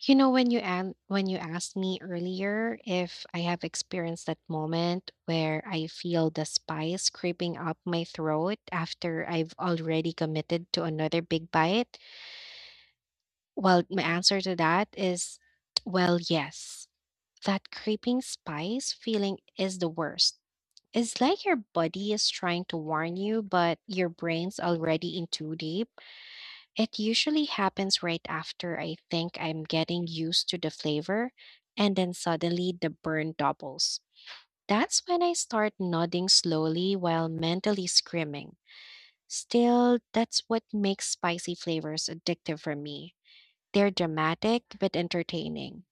You know, when you asked me earlier if I have experienced that moment where I feel the spice creeping up my throat after I've already committed to another big bite, well, my answer to that is, well, yes. That creeping spice feeling is the worst. It's like your body is trying to warn you, but your brain's already in too deep it usually happens right after I think I'm getting used to the flavor, and then suddenly the burn doubles. That's when I start nodding slowly while mentally screaming. Still, that's what makes spicy flavors addictive for me. They're dramatic but entertaining.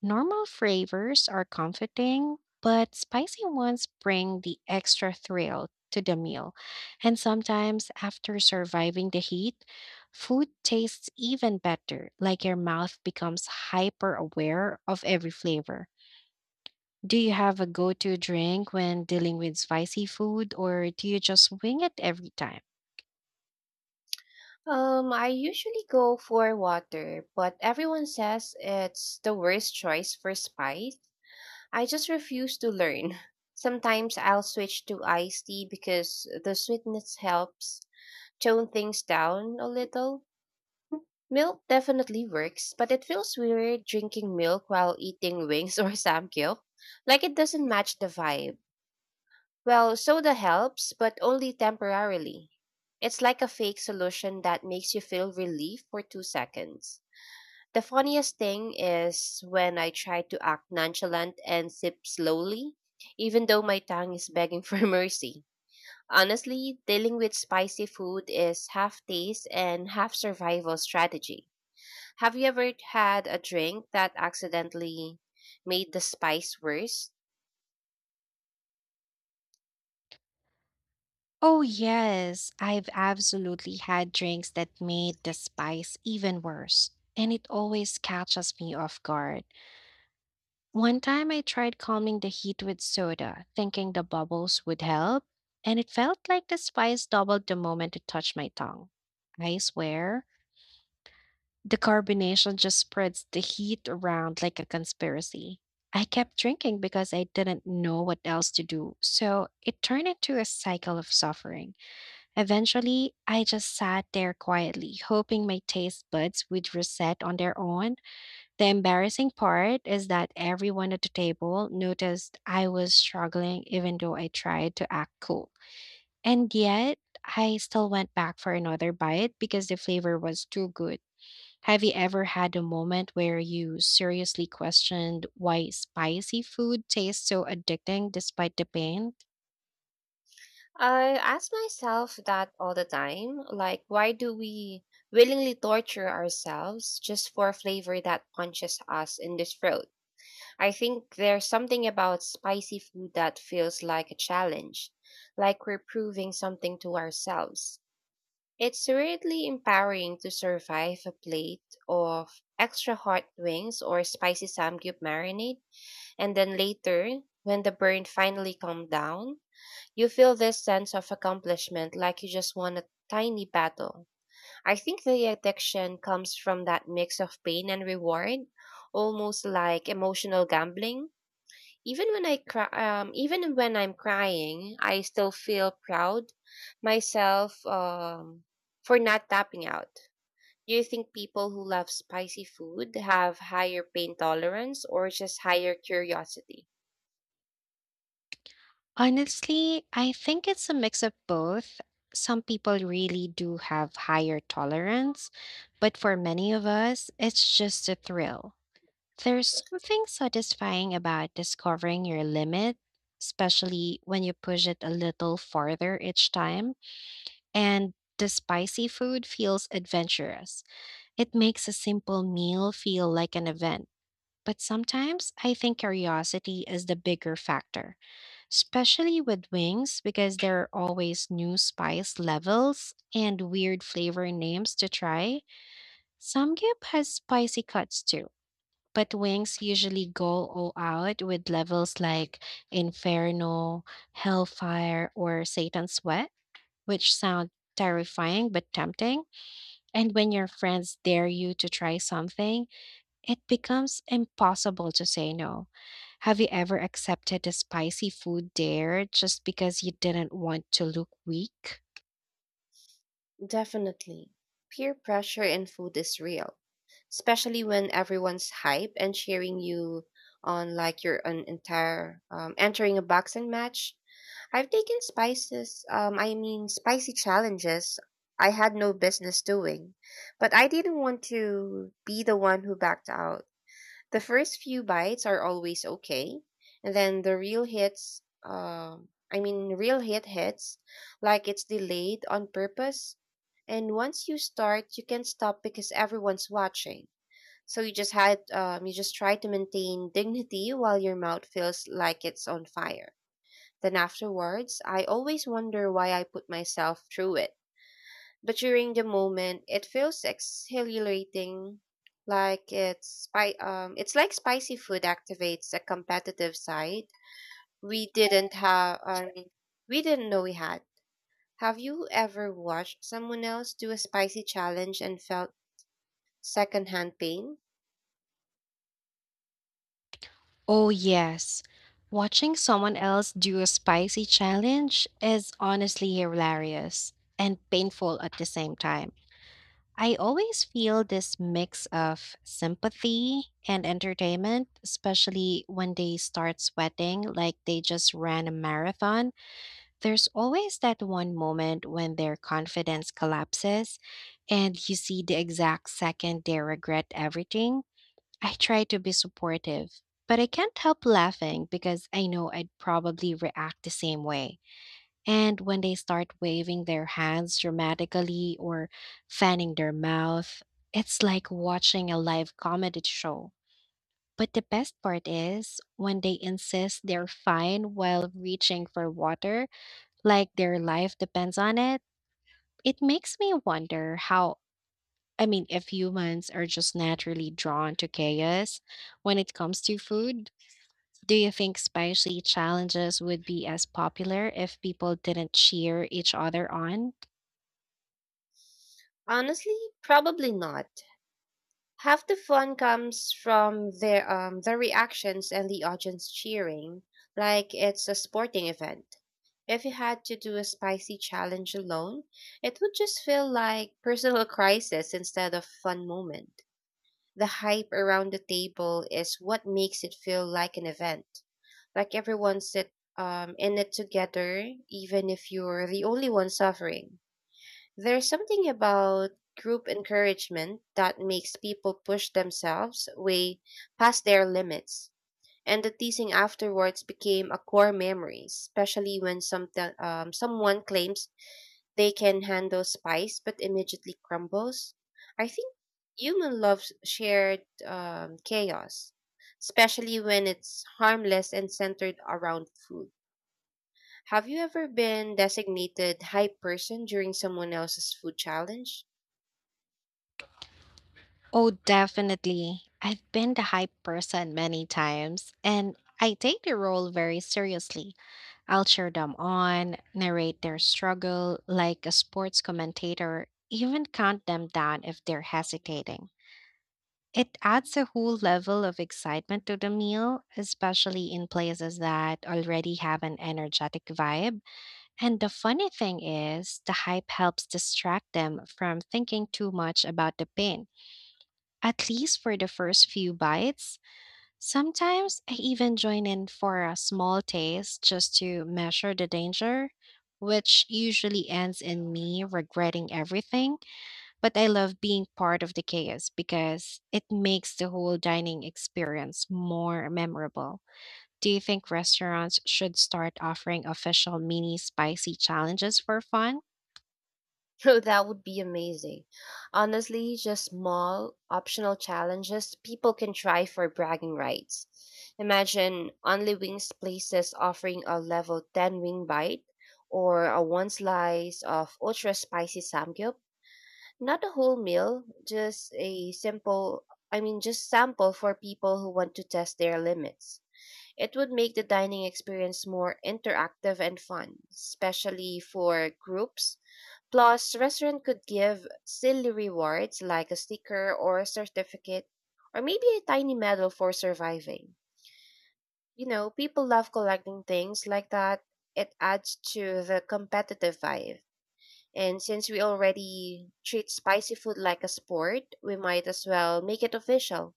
Normal flavors are comforting, but spicy ones bring the extra thrill to the meal. And sometimes, after surviving the heat, food tastes even better, like your mouth becomes hyper aware of every flavor. Do you have a go to drink when dealing with spicy food, or do you just wing it every time? I usually go for water, but everyone says it's the worst choice for spice. I just refuse to learn. Sometimes I'll switch to iced tea because the sweetness helps tone things down a little. Milk definitely works, but it feels weird drinking milk while eating wings or samgyeop. Like it doesn't match the vibe. Well, soda helps, but only temporarily. It's like a fake solution that makes you feel relief for 2 seconds. The funniest thing is when I try to act nonchalant and sip slowly, even though my tongue is begging for mercy. Honestly, dealing with spicy food is half taste and half survival strategy. Have you ever had a drink that accidentally made the spice worse? Oh, yes. I've absolutely had drinks that made the spice even worse, and it always catches me off guard. One time I tried calming the heat with soda, thinking the bubbles would help, and it felt like the spice doubled the moment it touched my tongue. I swear, the carbonation just spreads the heat around like a conspiracy. I kept drinking because I didn't know what else to do, so it turned into a cycle of suffering. Eventually, I just sat there quietly, hoping my taste buds would reset on their own. The embarrassing part is that everyone at the table noticed I was struggling, even though I tried to act cool. And yet, I still went back for another bite because the flavor was too good. Have you ever had a moment where you seriously questioned why spicy food tastes so addicting despite the pain? I ask myself that all the time. Like, why do we willingly torture ourselves just for a flavor that punches us in the throat? I think there's something about spicy food that feels like a challenge, like we're proving something to ourselves. It's weirdly empowering to survive a plate of extra hot wings or spicy samgyup marinade, and then later, when the burn finally calmed down, you feel this sense of accomplishment like you just won a tiny battle. I think the addiction comes from that mix of pain and reward, almost like emotional gambling. Even when I'm crying, I still feel proud myself for not tapping out. Do you think people who love spicy food have higher pain tolerance or just higher curiosity? Honestly, I think it's a mix of both. Some people really do have higher tolerance, but for many of us, it's just a thrill. There's something satisfying about discovering your limit, especially when you push it a little farther each time. And the spicy food feels adventurous. It makes a simple meal feel like an event. But sometimes I think curiosity is the bigger factor, especially with wings because there are always new spice levels and weird flavor names to try. Samgyup has spicy cuts too, but wings usually go all out with levels like Inferno, Hellfire, or Satan's Sweat, which sound terrifying but tempting. And when your friends dare you to try something, it becomes impossible to say no. Have you ever accepted a spicy food dare just because you didn't want to look weak? Definitely. Peer pressure in food is real, especially when everyone's hype and cheering you on like you're an entire entering a boxing match. I mean spicy challenges I had no business doing, but I didn't want to be the one who backed out. The first few bites are always okay, and then the real hits. I mean, real hits, like it's delayed on purpose. And once you start, you can't stop because everyone's watching. So you just try to maintain dignity while your mouth feels like it's on fire. Then afterwards, I always wonder why I put myself through it. But during the moment, it feels exhilarating, like it's like spicy food activates a competitive side we didn't have um, we didn't know we had. Have you ever watched someone else do a spicy challenge and felt secondhand pain? Oh, yes. Watching someone else do a spicy challenge is honestly hilarious and painful at the same time. I always feel this mix of sympathy and entertainment, especially when they start sweating like they just ran a marathon. There's always that one moment when their confidence collapses and you see the exact second they regret everything. I try to be supportive, but I can't help laughing because I know I'd probably react the same way. And when they start waving their hands dramatically or fanning their mouth, it's like watching a live comedy show. But the best part is when they insist they're fine while reaching for water like their life depends on it. It makes me wonder if humans are just naturally drawn to chaos when it comes to food. Do you think spicy challenges would be as popular if people didn't cheer each other on? Honestly, probably not. Half the fun comes from their reactions and the audience cheering, like it's a sporting event. If you had to do a spicy challenge alone, it would just feel like personal crisis instead of fun moment. The hype around the table is what makes it feel like an event, like everyone sit in it together, even if you're the only one suffering. There's something about group encouragement that makes people push themselves way past their limits. And the teasing afterwards became a core memory, especially when someone claims they can handle spice but immediately crumbles. I think human loves shared chaos, especially when it's harmless and centered around food. Have you ever been designated hype person during someone else's food challenge? Oh, definitely. I've been the hype person many times, and I take the role very seriously. I'll cheer them on, narrate their struggle like a sports commentator, even count them down if they're hesitating. It adds a whole level of excitement to the meal, especially in places that already have an energetic vibe. And the funny thing is, the hype helps distract them from thinking too much about the pain, at least for the first few bites. Sometimes I even join in for a small taste just to measure the danger, which usually ends in me regretting everything. But I love being part of the chaos because it makes the whole dining experience more memorable. Do you think restaurants should start offering official mini spicy challenges for fun? Oh, that would be amazing. Honestly, just small, optional challenges people can try for bragging rights. Imagine only wings places offering a level 10 wing bite or a one slice of ultra spicy samgyup. Not a whole meal, just a simple, I mean, just sample for people who want to test their limits. It would make the dining experience more interactive and fun, especially for groups. Plus, restaurant could give silly rewards like a sticker or a certificate or maybe a tiny medal for surviving. You know, people love collecting things like that. It adds to the competitive vibe. And since we already treat spicy food like a sport, we might as well make it official.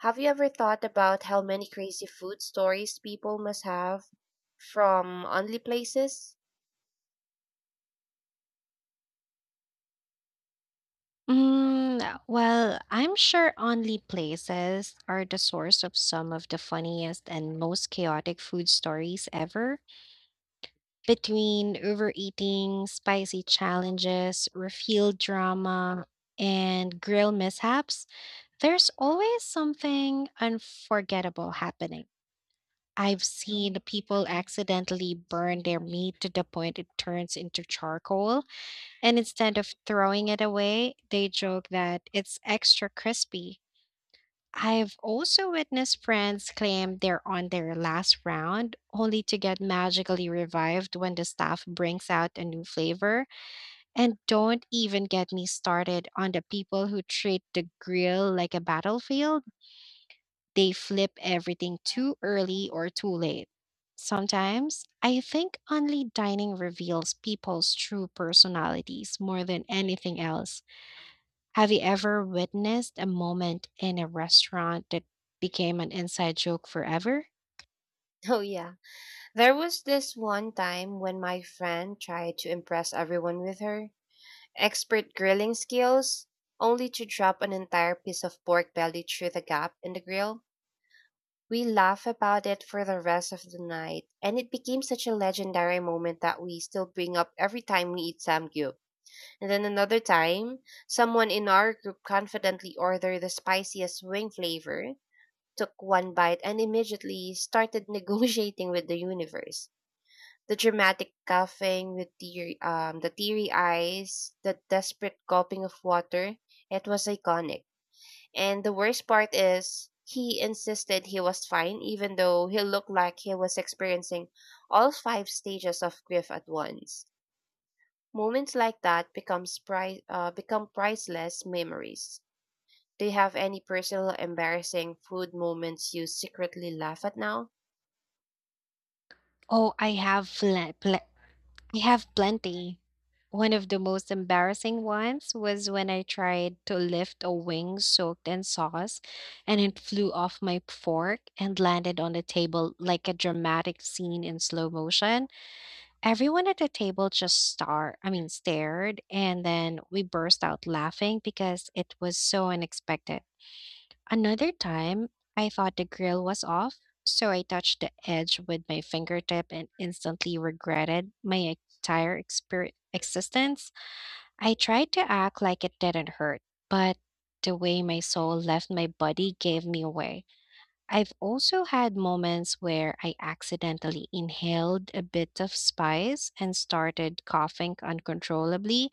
Have you ever thought about how many crazy food stories people must have from only places? Mm, well, I'm sure only places are the source of some of the funniest and most chaotic food stories ever. Between overeating, spicy challenges, refill drama, and grill mishaps, there's always something unforgettable happening. I've seen people accidentally burn their meat to the point it turns into charcoal and instead of throwing it away, they joke that it's extra crispy. I've also witnessed friends claim they're on their last round only to get magically revived when the staff brings out a new flavor. And don't even get me started on the people who treat the grill like a battlefield. They flip everything too early or too late. Sometimes I think only dining reveals people's true personalities more than anything else. Have you ever witnessed a moment in a restaurant that became an inside joke forever? Oh, yeah. There was this one time when my friend tried to impress everyone with her expert grilling skills, only to drop an entire piece of pork belly through the gap in the grill. We laugh about it for the rest of the night, and it became such a legendary moment that we still bring up every time we eat samgyup. And then another time, someone in our group confidently ordered the spiciest wing flavor, took one bite, and immediately started negotiating with the universe. The dramatic the teary eyes, the desperate gulping of water, it was iconic. And the worst part is, he insisted he was fine, even though he looked like he was experiencing all five stages of grief at once. Moments like that become priceless memories. Do you have any personal embarrassing food moments you secretly laugh at now? Oh, I have plenty. One of the most embarrassing ones was when I tried to lift a wing soaked in sauce and it flew off my fork and landed on the table like a dramatic scene in slow motion. Everyone at the table just stared and then we burst out laughing because it was so unexpected. Another time, I thought the grill was off, so I touched the edge with my fingertip and instantly regretted my entire existence. I tried to act like it didn't hurt, but the way my soul left my body gave me away. I've also had moments where I accidentally inhaled a bit of spice and started coughing uncontrollably,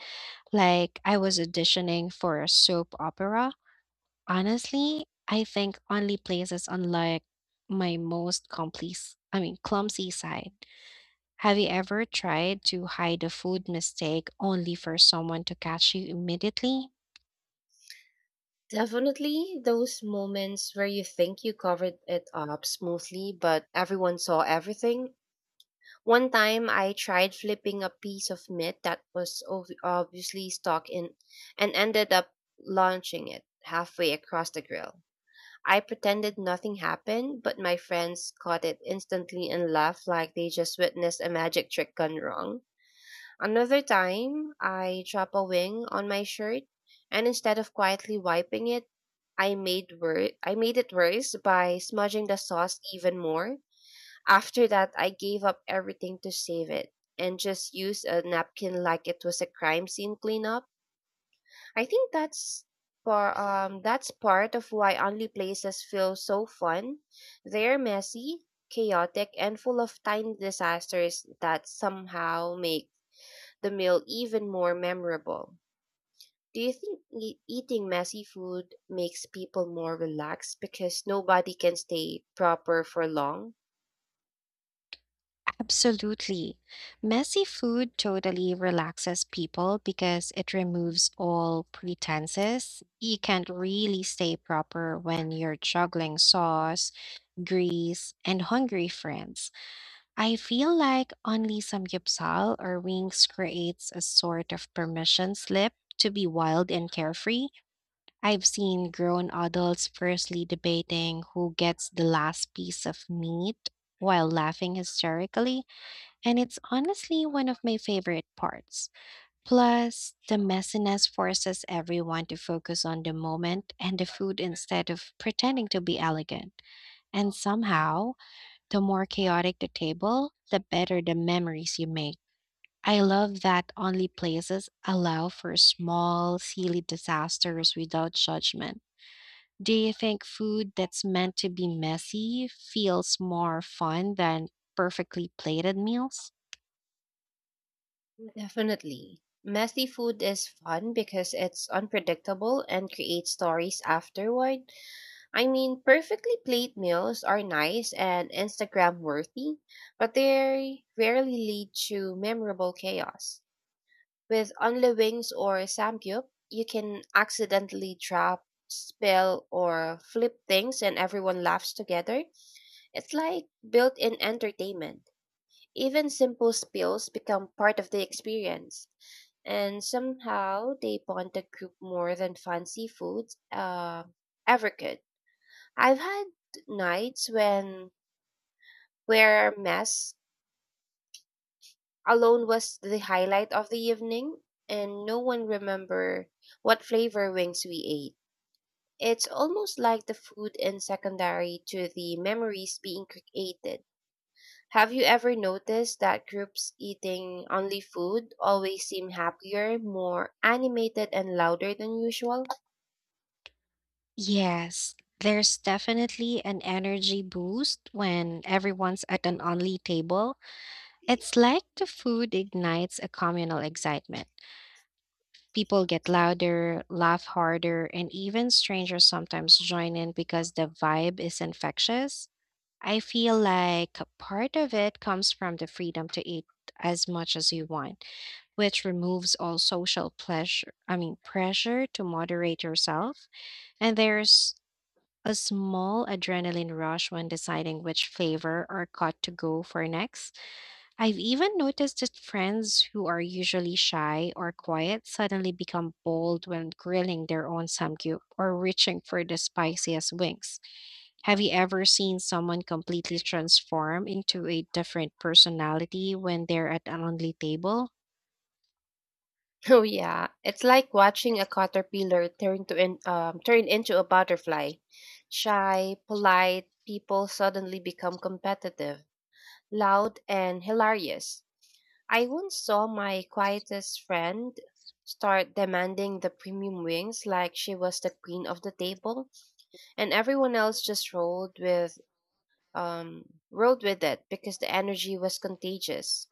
like I was auditioning for a soap opera. Honestly, I think only places unlike my most clumsy side. Have you ever tried to hide a food mistake only for someone to catch you immediately? Definitely those moments where you think you covered it up smoothly, but everyone saw everything. One time I tried flipping a piece of meat that was obviously stuck in and ended up launching it halfway across the grill. I pretended nothing happened, but my friends caught it instantly and laughed like they just witnessed a magic trick gone wrong. Another time, I dropped a wing on my shirt, and instead of quietly wiping it, I made it worse by smudging the sauce even more. After that, I gave up everything to save it and just used a napkin like it was a crime scene cleanup. I think that's part of why only places feel so fun. They're messy, chaotic, and full of tiny disasters that somehow make the meal even more memorable. Do you think eating messy food makes people more relaxed because nobody can stay proper for long? Absolutely. Messy food totally relaxes people because it removes all pretenses. You can't really stay proper when you're juggling sauce, grease, and hungry friends. I feel like only samgyupsal or wings creates a sort of permission slip to be wild and carefree. I've seen grown adults fiercely debating who gets the last piece of meat while laughing hysterically, and it's honestly one of my favorite parts. Plus, the messiness forces everyone to focus on the moment and the food instead of pretending to be elegant. And somehow, the more chaotic the table, the better the memories you make. I love that only places allow for small, silly disasters without judgment. Do you think food that's meant to be messy feels more fun than perfectly plated meals? Definitely. Messy food is fun because it's unpredictable and creates stories afterward. I mean, perfectly plate meals are nice and Instagram worthy, but they rarely lead to memorable chaos. With only wings or samgyup, you can accidentally drop, spill, or flip things and everyone laughs together. It's like built in entertainment. Even simple spills become part of the experience. And somehow they bond the group more than fancy foods ever could. I've had nights when where mess alone was the highlight of the evening and no one remember what flavor wings we ate. It's almost like the food is secondary to the memories being created. Have you ever noticed that groups eating only food always seem happier, more animated and louder than usual? Yes, there's definitely an energy boost when everyone's at an only table. It's like the food ignites a communal excitement. People get louder, laugh harder, and even strangers sometimes join in because the vibe is infectious. I feel like part of it comes from the freedom to eat as much as you want, which removes all social pressure to moderate yourself. And there's a small adrenaline rush when deciding which flavor or cut to go for next. I've even noticed that friends who are usually shy or quiet suddenly become bold when grilling their own samgyup or reaching for the spiciest wings. Have you ever seen someone completely transform into a different personality when they're at an only table? Oh yeah, it's like watching a caterpillar turn into a butterfly. Shy, polite people suddenly become competitive, loud and hilarious. I once saw my quietest friend start demanding the premium wings like she was the queen of the table, and everyone else just rolled with rolled with it because the energy was contagious.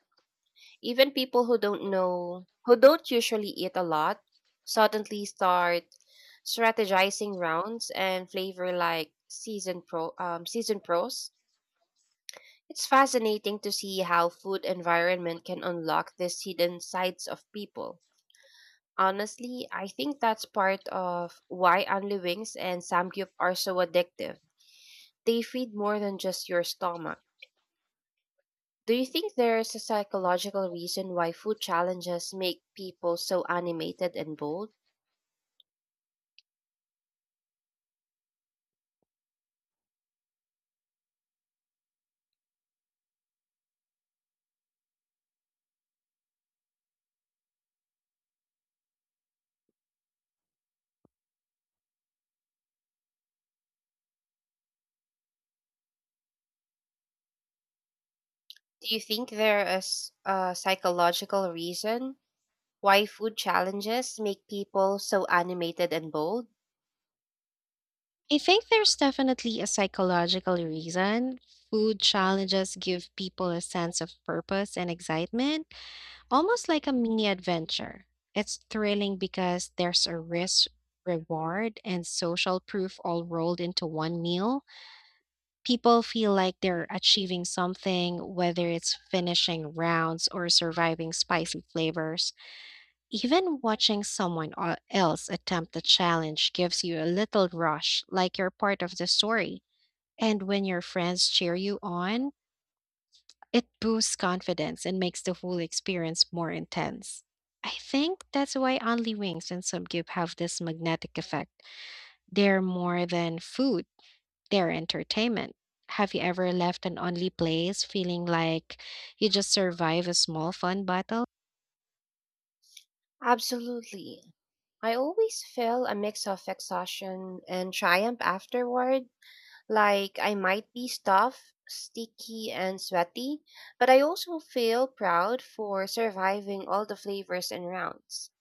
Even people who don't know, who don't usually eat a lot, suddenly start strategizing rounds and flavor like season pros. It's fascinating to see how food environment can unlock these hidden sides of people. Honestly, I think that's part of why Anli Wings and Samgyup are so addictive. They feed more than just your stomach. Do you think there's a psychological reason why food challenges make people so animated and bold? Do you think there is a psychological reason why food challenges make people so animated and bold? I think there's definitely a psychological reason. Food challenges give people a sense of purpose and excitement Almost like a mini adventure. It's thrilling because there's a risk, reward, and social proof all rolled into one meal. People feel like they're achieving something, whether it's finishing rounds or surviving spicy flavors. Even watching else attempt the challenge gives you a little rush, like you're part of the story. And when your friends cheer you on, it boosts confidence and makes the whole experience more intense. I think that's why only wings and subgib have this magnetic effect. They're more than food, they're entertainment. Have you ever left an only place feeling like you just survived a small fun battle? Absolutely. I always feel a mix of exhaustion and triumph afterward. Like I might be stuffed, sticky, and sweaty, but I also feel proud for surviving all the flavors and rounds.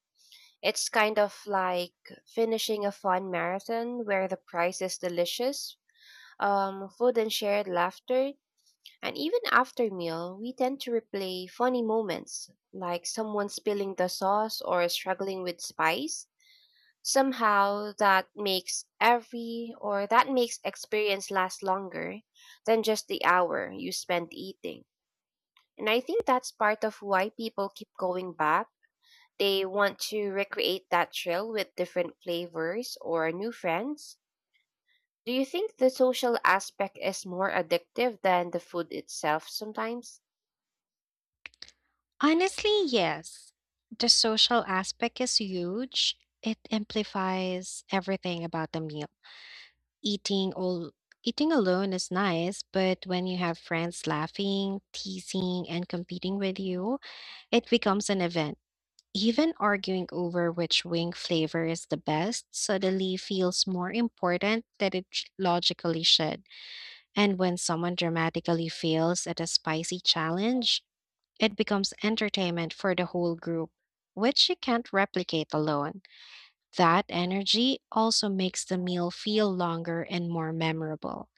It's kind of like finishing a fun marathon where the price is delicious food and shared laughter. And even after meal, we tend to replay funny moments, like someone spilling the sauce or struggling with spice. Somehow that makes experience last longer than just the hour you spent eating. And I think that's part of why people keep going back, they want to recreate that trail with different flavors or new friends. Do you think the social aspect is more addictive than the food itself sometimes? Honestly, yes. The social aspect is huge. It amplifies everything about the meal. Eating all eating alone is nice, but when you have friends laughing, teasing, and competing with you, it becomes an event. Even arguing over which wing flavor is the best suddenly feels more important than it logically should. And when someone dramatically fails at a spicy challenge, it becomes entertainment for the whole group, which you can't replicate alone. That energy also makes the meal feel longer and more memorable.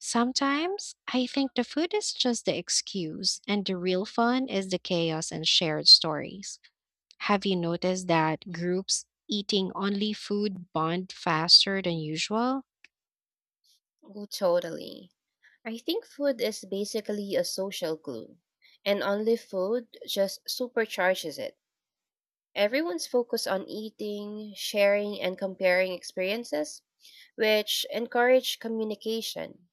Sometimes I think the food is just the excuse, and the real fun is the chaos and shared stories. Have you noticed that groups eating only food bond faster than usual? Oh, totally. I think food is basically a social glue, and only food just supercharges it. Everyone's focused on eating, sharing, and comparing experiences, which encourage communication.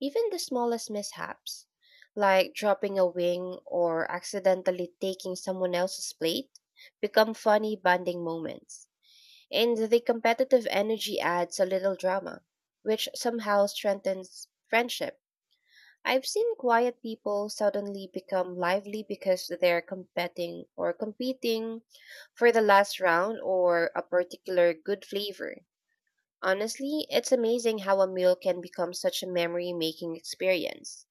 Even the smallest mishaps, like dropping a wing or accidentally taking someone else's plate, become funny bonding moments. And the competitive energy adds a little drama, which somehow strengthens friendship. I've seen quiet people suddenly become lively because they're competing for the last round or a particular good flavor. Honestly, it's amazing how a meal can become such a memory making experience.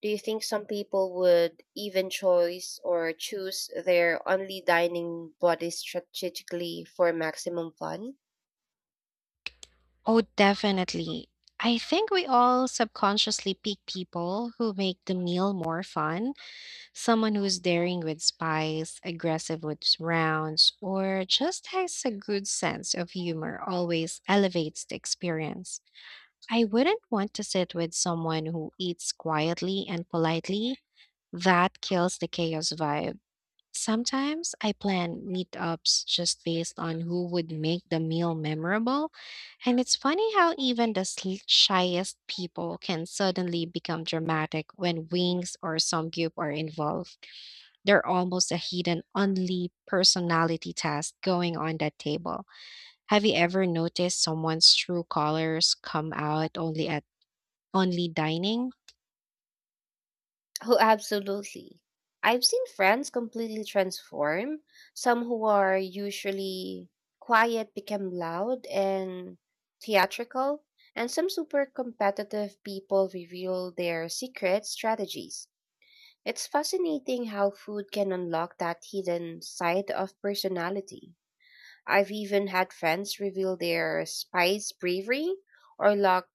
Do you think some people would even choice or choose their only dining body strategically for maximum fun? Oh, definitely. I think we all subconsciously pick people who make the meal more fun. Someone who's daring with spice, aggressive with rounds, or just has a good sense of humor always elevates the experience. I wouldn't want to sit with someone who eats quietly and politely. That kills the chaos vibe. Sometimes I plan meetups just based on who would make the meal memorable. And it's funny how even the shyest people can suddenly become dramatic when wings or Samgyup are involved. They're almost a hidden, only personality test going on that table. Have you ever noticed someone's true colors come out only at only dining? Oh, absolutely. I've seen friends completely transform. Some who are usually quiet become loud and theatrical, and some super competitive people reveal their secret strategies. It's fascinating how food can unlock that hidden side of personality. I've even had friends reveal their spice bravery or lack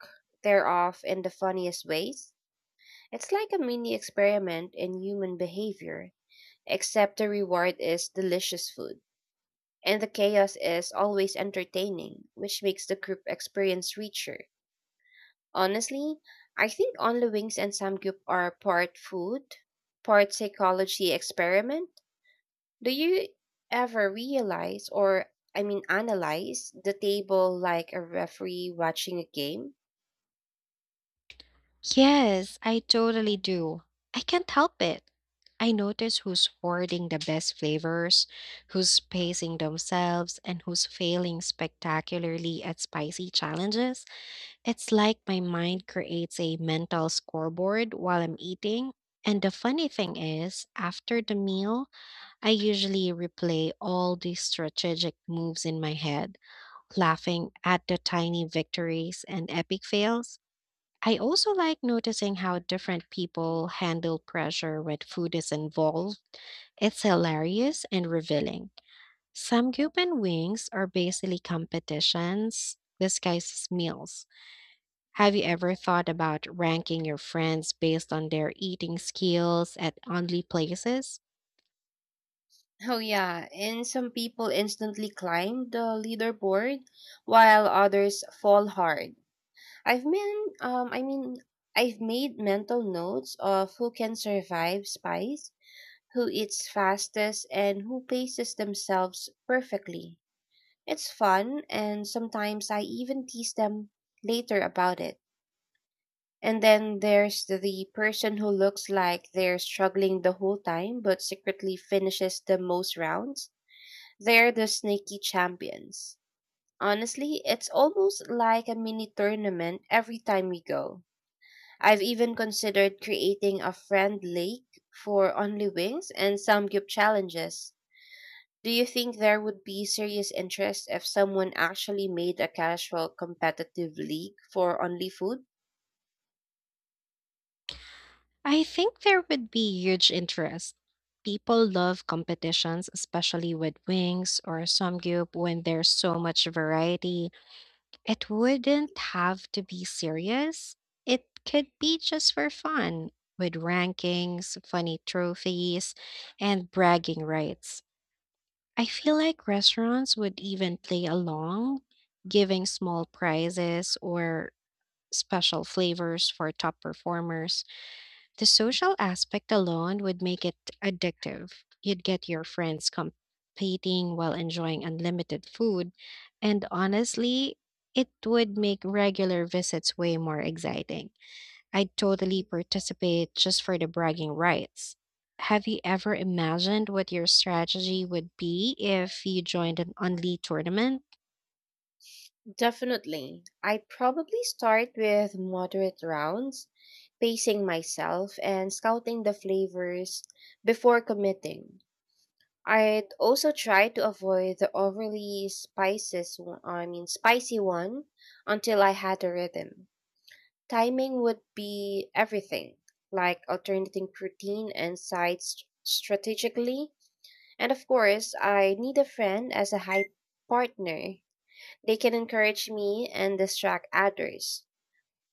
thereof in the funniest ways. It's like a mini experiment in human behavior, except the reward is delicious food. And the chaos is always entertaining, which makes the group experience richer. Honestly, I think Only Wings and Samgyup are part food, part psychology experiment. Do you ever realize or I mean analyze the table like a referee watching a game? Yes, I totally do. I can't help it. I notice who's hoarding the best flavors, who's pacing themselves, and who's failing spectacularly at spicy challenges. It's like my mind creates a mental scoreboard while I'm eating. And the funny thing is, after the meal, I usually replay all these strategic moves in my head, laughing at the tiny victories and epic fails. I also like noticing how different people handle pressure when food is involved. It's hilarious and revealing. Samgyup and wings are basically competitions disguised as meals. Have you ever thought about ranking your friends based on their eating skills at only places? Oh yeah, and some people instantly climb the leaderboard while others fall hard. I mean I've made mental notes of who can survive spice, who eats fastest and who paces themselves perfectly. It's fun and sometimes I even tease them later about it. And then there's the person who looks like they're struggling the whole time but secretly finishes the most rounds. They're the sneaky champions. Honestly, it's almost like a mini tournament every time we go. I've even considered creating a friend league for only wings and samgyup challenges. Do you think there would be serious interest if someone actually made a casual competitive league for only food? I think there would be huge interest. People love competitions, especially with wings or samgyup when there's so much variety It wouldn't have to be serious. It could be just for fun, with rankings, funny trophies, and bragging rights. I feel like restaurants would even play along, giving small prizes or special flavors for top performers. The social aspect alone would make it addictive. You'd get your friends competing while enjoying unlimited food, and honestly, it would make regular visits way more exciting. I'd totally participate just for the bragging rights. Have you ever imagined what your strategy would be if you joined an only tournament? Definitely. I probably start with moderate rounds, pacing myself and scouting the flavors before committing. I'd also try to avoid the I mean spicy one until I had a rhythm. Timing would be everything, like alternating protein and sides strategically. And of course, I need a friend as a high partner, they can encourage me and distract others.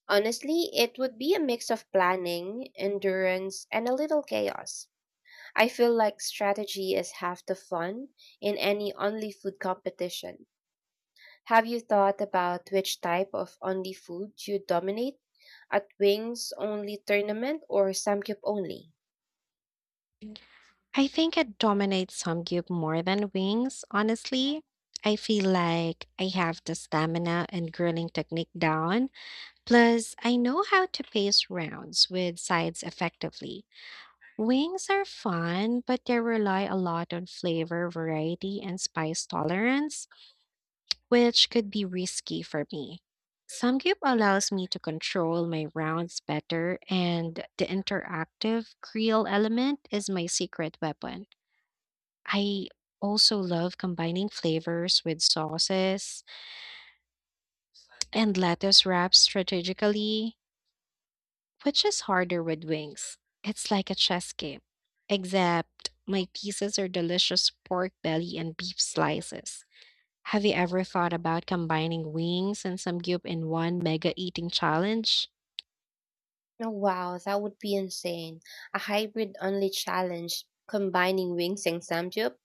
Honestly, it would be a mix of planning, endurance, and a little chaos. I feel like strategy is half the fun in any only food competition. Have you thought about which type of only food you dominate? At wings only tournament or samgyup only? I think it dominates Samgyup more than wings, honestly. I feel like I have the stamina and grilling technique down. Plus, I know how to pace rounds with sides effectively. Wings are fun, but they rely a lot on flavor, variety, and spice tolerance, which could be risky for me. Samgyup allows me to control my rounds better, and the interactive Creole element is my secret weapon. I also love combining flavors with sauces and lettuce wraps strategically, which is harder with wings. It's like a chess game, except my pieces are delicious pork belly and beef slices. Have you ever thought about combining wings and samgyup in one mega eating challenge? Oh, wow, that would be insane. A hybrid only challenge combining wings and samgyup.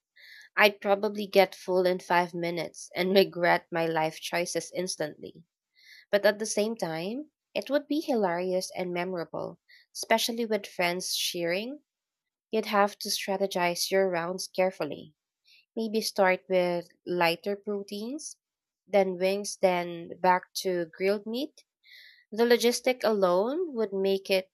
I'd probably get full in 5 minutes and regret my life choices instantly. But at the same time, it would be hilarious and memorable, especially with friends cheering. You'd have to strategize your rounds carefully. Maybe start with lighter proteins, then wings, then back to grilled meat. The logistic alone would make it